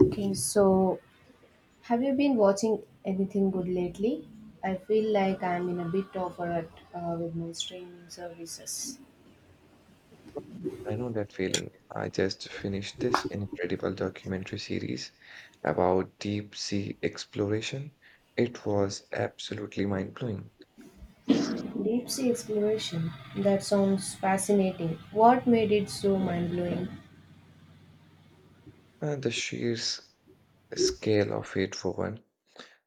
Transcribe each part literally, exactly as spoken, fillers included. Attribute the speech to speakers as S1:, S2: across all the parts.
S1: Okay, so have you been watching anything good lately? I feel like I'm in a bit of a rut uh, with my streaming services.
S2: I know that feeling. I just finished this incredible documentary series about deep sea exploration. It was absolutely mind-blowing.
S1: Deep sea exploration. That sounds fascinating. What made it so mind blowing?
S2: And the sheer s- scale of it, for one,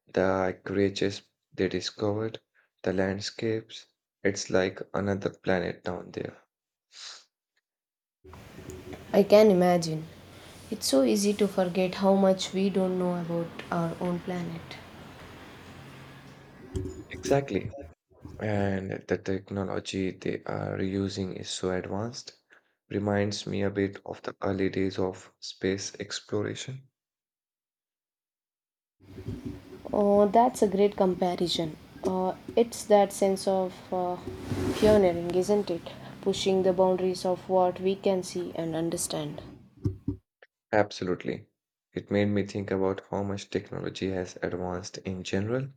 S2: the creatures they discovered, the landscapes, it's like another planet down there.
S1: I can imagine. It's so easy to forget how much we don't know about our own planet.
S2: Exactly. And the technology they are using is so advanced. Reminds me a bit of the early days of space exploration.
S1: Oh, that's a great comparison. Uh, it's that sense of uh, pioneering, isn't it? Pushing the boundaries of what we can see and understand.
S2: Absolutely. It made me think about how much technology has advanced in general,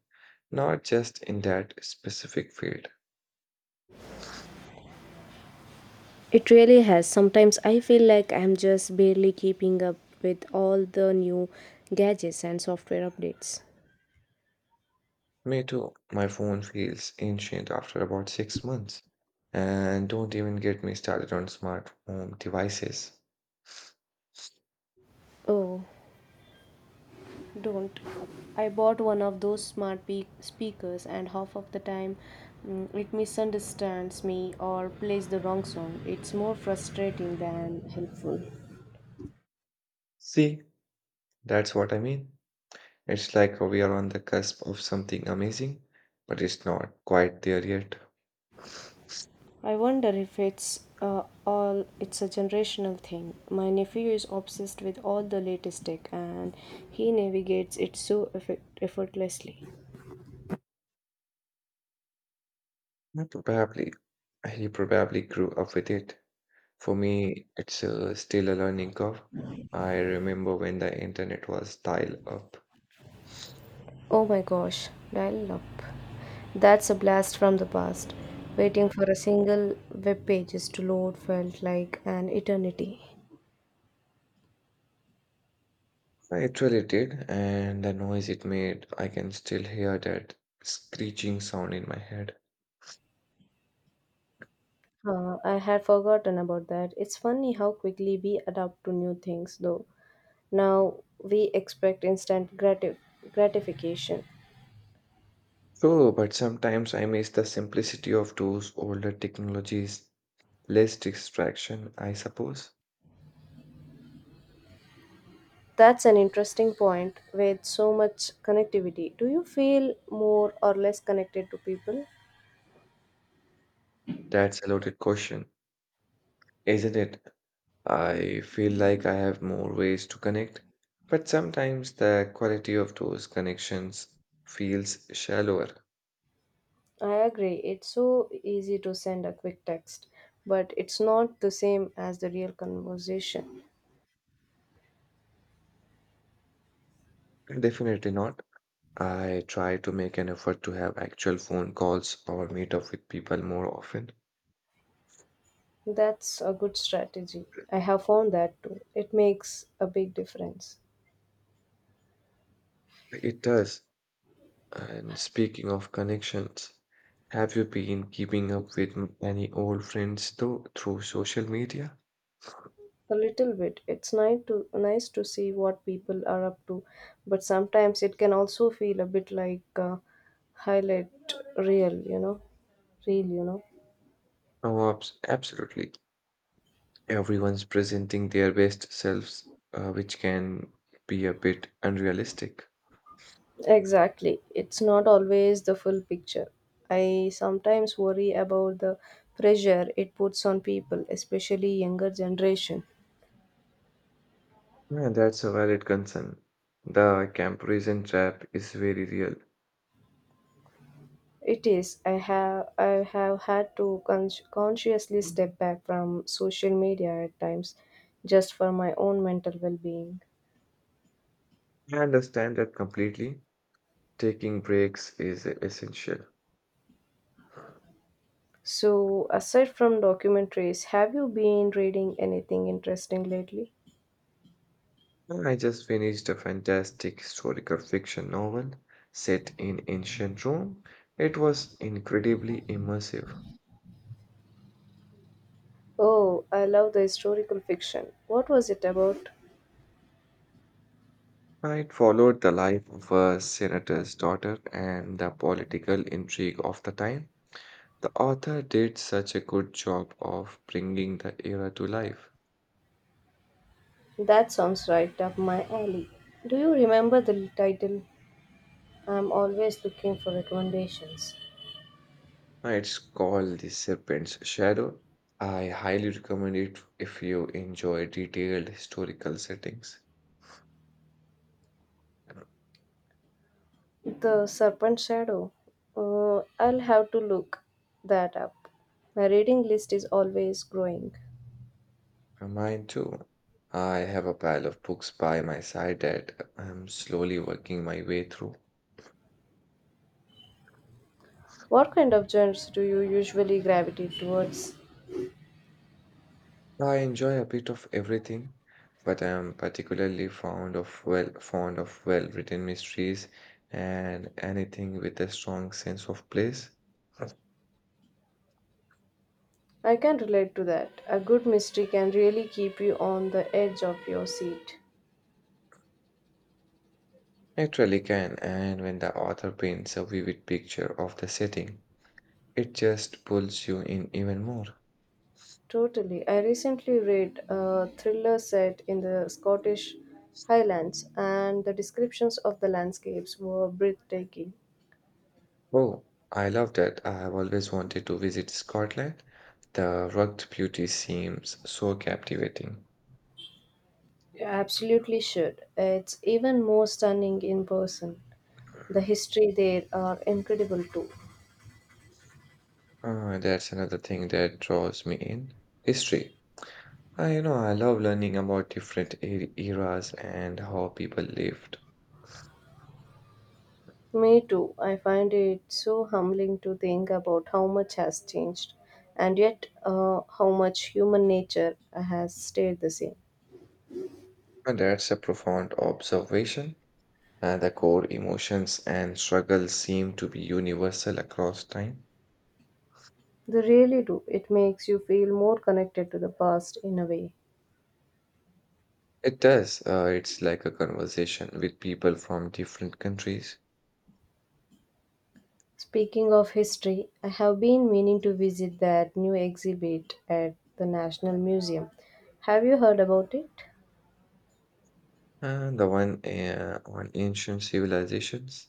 S2: not just in that specific field.
S1: It really has. Sometimes I feel like I'm just barely keeping up with all the new gadgets and software updates.
S2: Me too, my phone feels ancient after about six months. And don't even get me started on smart home devices.
S1: Oh, don't. I bought one of those smart pe- speakers, and half of the time mm, it misunderstands me or plays the wrong song. It's more frustrating than helpful.
S2: See, that's what I mean. It's like we are on the cusp of something amazing, but it's not quite there yet.
S1: I wonder if it's uh, all it's a generational thing. My nephew is obsessed with all the latest tech, and he navigates it so effe- effortlessly.
S2: Not probably. He probably grew up with it. For me, it's uh, still a learning curve. I remember when the internet was dial up.
S1: Oh my gosh, dial up. That's a blast from the past. Waiting for a single web pages to load felt like an eternity.
S2: I actually did, and the noise it made, I can still hear that screeching sound in my head.
S1: Uh, I had forgotten about that. It's funny how quickly we adapt to new things, though. Now we expect instant gratif- gratification.
S2: So, but sometimes I miss the simplicity of those older technologies, less distraction, I suppose.
S1: That's an interesting point. With so much connectivity, do you feel more or less connected to people?
S2: That's a loaded question, isn't it? I feel like I have more ways to connect, but sometimes the quality of those connections feels shallower.
S1: I agree. It's so easy to send a quick text, but it's not the same as the real conversation.
S2: Definitely not. I try to make an effort to have actual phone calls or meet up with people more often.
S1: That's a good strategy. I have found that too. It makes a big difference.
S2: It does. And speaking of connections, have you been keeping up with m- any old friends though through social media?
S1: A little bit. It's nice to nice to see what people are up to, but sometimes it can also feel a bit like a highlight reel, you know, reel, you know.
S2: Oh, abs- absolutely. Everyone's presenting their best selves, uh, which can be a bit unrealistic.
S1: Exactly. It's not always the full picture. I sometimes worry about the pressure it puts on people, especially younger generation.
S2: Yeah, that's a valid concern. The comparison trap is very real.
S1: It is. I have I have had to con- consciously step back from social media at times just for my own mental well-being.
S2: I understand that completely. Taking breaks is essential.
S1: So, aside from documentaries, have you been reading anything interesting lately?
S2: I just finished a fantastic historical fiction novel set in ancient Rome. It was incredibly immersive.
S1: Oh, I love the historical fiction. What was it about?
S2: It followed the life of a senator's daughter and the political intrigue of the time. The author did such a good job of bringing the era to life.
S1: That sounds right up my alley. Do you remember the title? I'm always looking for recommendations.
S2: It's called The Serpent's Shadow. I highly recommend it if you enjoy detailed historical settings.
S1: The Serpent Shadow. Uh, I'll have to look that up. My reading list is always growing.
S2: Uh, Mine too. I have a pile of books by my side that I'm slowly working my way through.
S1: What kind of genres do you usually gravitate towards?
S2: I enjoy a bit of everything, but I'm particularly fond of well fond of well-written mysteries and anything with a strong sense of place.
S1: I can relate to that. A good mystery can really keep you on the edge of your seat.
S2: It really can, and when the author paints a vivid picture of the setting, it just pulls you in even more.
S1: Totally. I recently read a thriller set in the Scottish Highlands, and the descriptions of the landscapes were breathtaking.
S2: Oh, I love that. I have always wanted to visit Scotland. The rugged beauty seems so captivating.
S1: You absolutely should. It's even more stunning in person. The history there are incredible too.
S2: Ah, that's another thing that draws me in. History. I, you know, I love learning about different e- eras and how people lived.
S1: Me too. I find it so humbling to think about how much has changed, and yet uh, how much human nature has stayed the same.
S2: And that's a profound observation. And the core emotions and struggles seem to be universal across time.
S1: They really do. It makes you feel more connected to the past in a way.
S2: It does. Uh, it's like a conversation with people from different countries.
S1: Speaking of history, I have been meaning to visit that new exhibit at the National Museum. Have you heard about it?
S2: Uh, the one uh, on ancient civilizations.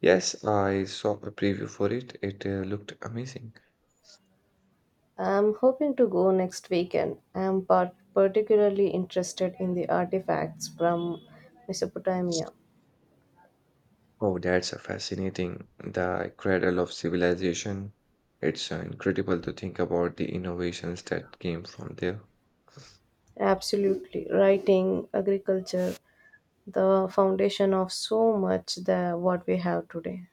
S2: Yes, I saw a preview for it. It uh, looked amazing.
S1: I'm hoping to go next weekend. I'm par- particularly interested in the artifacts from Mesopotamia.
S2: Oh, that's uh, fascinating. The cradle of civilization. It's uh, incredible to think about the innovations that came from there.
S1: Absolutely. Writing, agriculture, the foundation of so much that what we have today.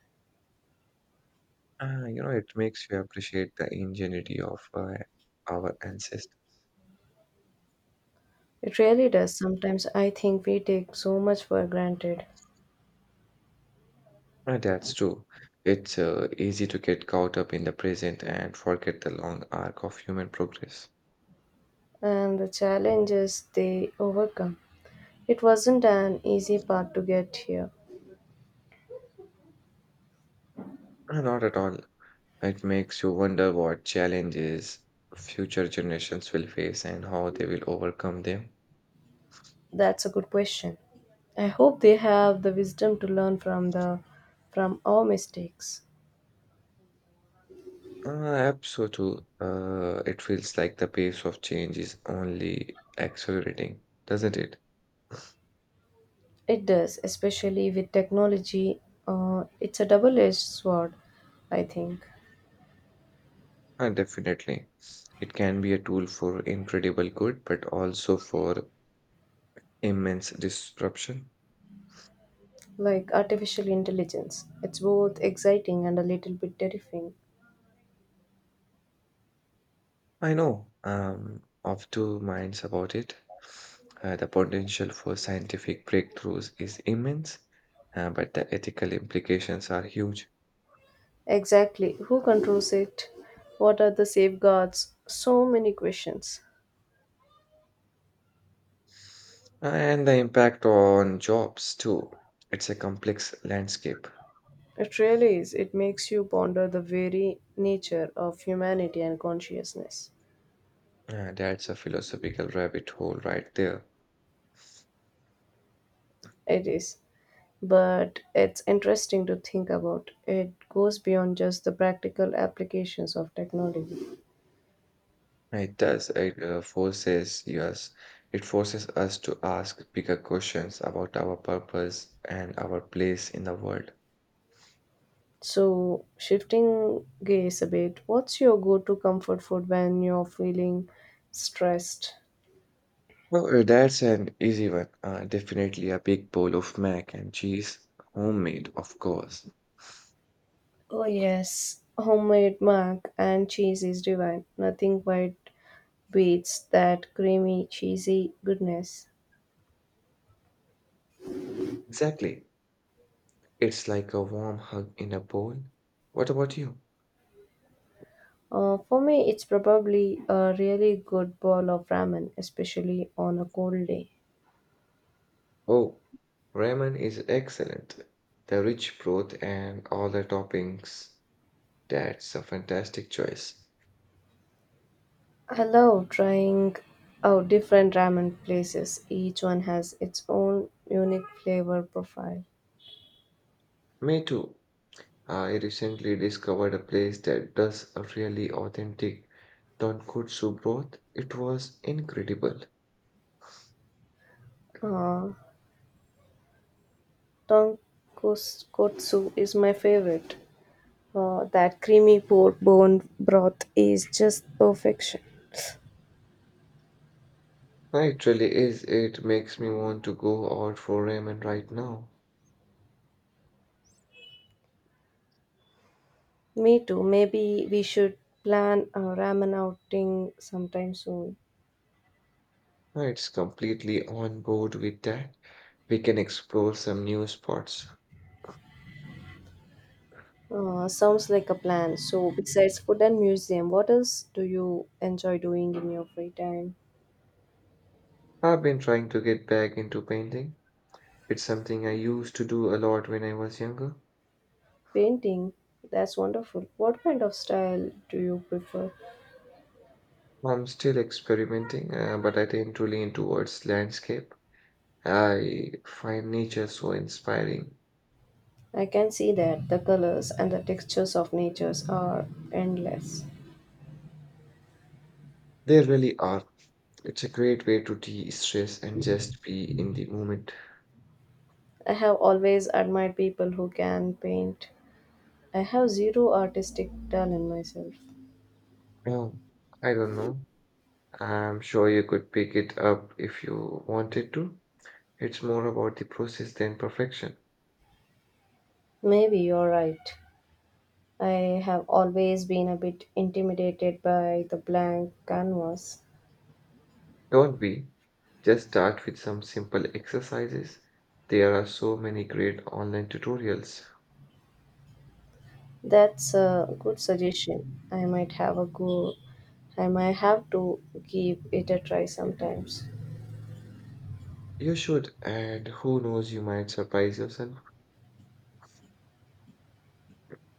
S2: Uh, you know, it makes you appreciate the ingenuity of uh, our ancestors.
S1: It really does. Sometimes I think we take so much for granted
S2: Uh, that's true. It's uh, easy to get caught up in the present and forget the long arc of human progress.
S1: and the challenges they overcome. It wasn't an easy path to get here.
S2: Uh, Not at all. It makes you wonder what challenges future generations will face and how they will overcome them.
S1: That's a good question. I hope they have the wisdom to learn from the from our mistakes.
S2: Uh, absolutely. Uh, It feels like the pace of change is only accelerating, doesn't it?
S1: It does, especially with technology. Uh, it's a double-edged sword, I think.
S2: Uh, definitely. It can be a tool for incredible good, but also for immense disruption.
S1: Like artificial intelligence, it's both exciting and a little bit terrifying.
S2: I know. I of two minds about it. Uh, the potential for scientific breakthroughs is immense, uh, but the ethical implications are huge.
S1: Exactly. Who controls it? What are the safeguards? So many questions.
S2: Uh, And the impact on jobs, too. It's a complex landscape.
S1: It really is. It makes you ponder the very nature of humanity and consciousness.
S2: Uh, that's a philosophical rabbit hole right there.
S1: It is. But it's interesting to think about. It goes beyond just the practical applications of technology.
S2: It does. It uh, forces us. It forces us to ask bigger questions about our purpose and our place in the world.
S1: So, shifting gears a bit, what's your go to comfort food when you're feeling stressed?
S2: Well, uh, that's an easy one. Uh, definitely a big bowl of mac and cheese, homemade, of course.
S1: Oh, yes. Homemade mac and cheese is divine. Nothing quite beats that creamy, cheesy goodness.
S2: Exactly. It's like a warm hug in a bowl. What about you?
S1: Uh, for me, it's probably a really good bowl of ramen, especially on a cold day.
S2: Oh, ramen is excellent. The rich broth and all the toppings. That's a fantastic choice.
S1: I love trying out different ramen places. Each one has its own unique flavor profile.
S2: Me too. I recently discovered a place that does a really authentic tonkotsu broth. It was incredible.
S1: Uh, Tonkotsu is my favorite. Uh, that creamy pork bone broth is just perfection.
S2: It really is. It makes me want to go out for ramen right now.
S1: Me too. Maybe we should plan a ramen outing sometime soon.
S2: It's completely on board with that. We can explore some new spots.
S1: Uh, sounds like a plan. So, besides food and museum, what else do you enjoy doing in your free time?
S2: I've been trying to get back into painting. It's something I used to do a lot when I was younger.
S1: Painting. That's wonderful. What kind of style do you prefer?
S2: I'm still experimenting, uh, but I tend to lean towards landscape. I find nature so inspiring.
S1: I can see that. The colors and the textures of natures are endless.
S2: They really are. It's a great way to de-stress and just be in the moment.
S1: I have always admired people who can paint. I have zero artistic talent myself.
S2: Um, I don't know. I'm sure you could pick it up if you wanted to. It's more about the process than perfection.
S1: Maybe you're right. I have always been a bit intimidated by the blank canvas.
S2: Don't be. Just start with some simple exercises. There are so many great online tutorials.
S1: That's a good suggestion. I might have a go. I might have to give it a try sometimes.
S2: You should, and who knows, you might surprise yourself.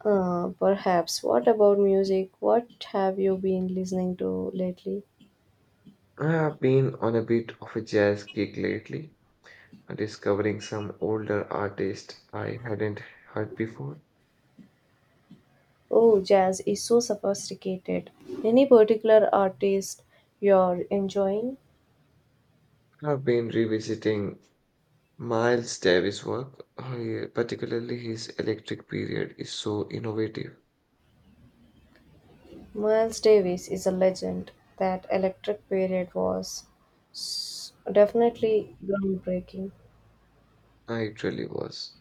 S1: Uh, perhaps. What about music? What have you been listening to lately?
S2: I have been on a bit of a jazz kick lately, discovering some older artists I hadn't heard before.
S1: Oh, jazz is so sophisticated. Any particular artist you're enjoying?
S2: I've been revisiting Miles Davis' work, uh, particularly his Electric period, is so innovative.
S1: Miles Davis is a legend. That electric period was s- definitely groundbreaking.
S2: Uh, It really was.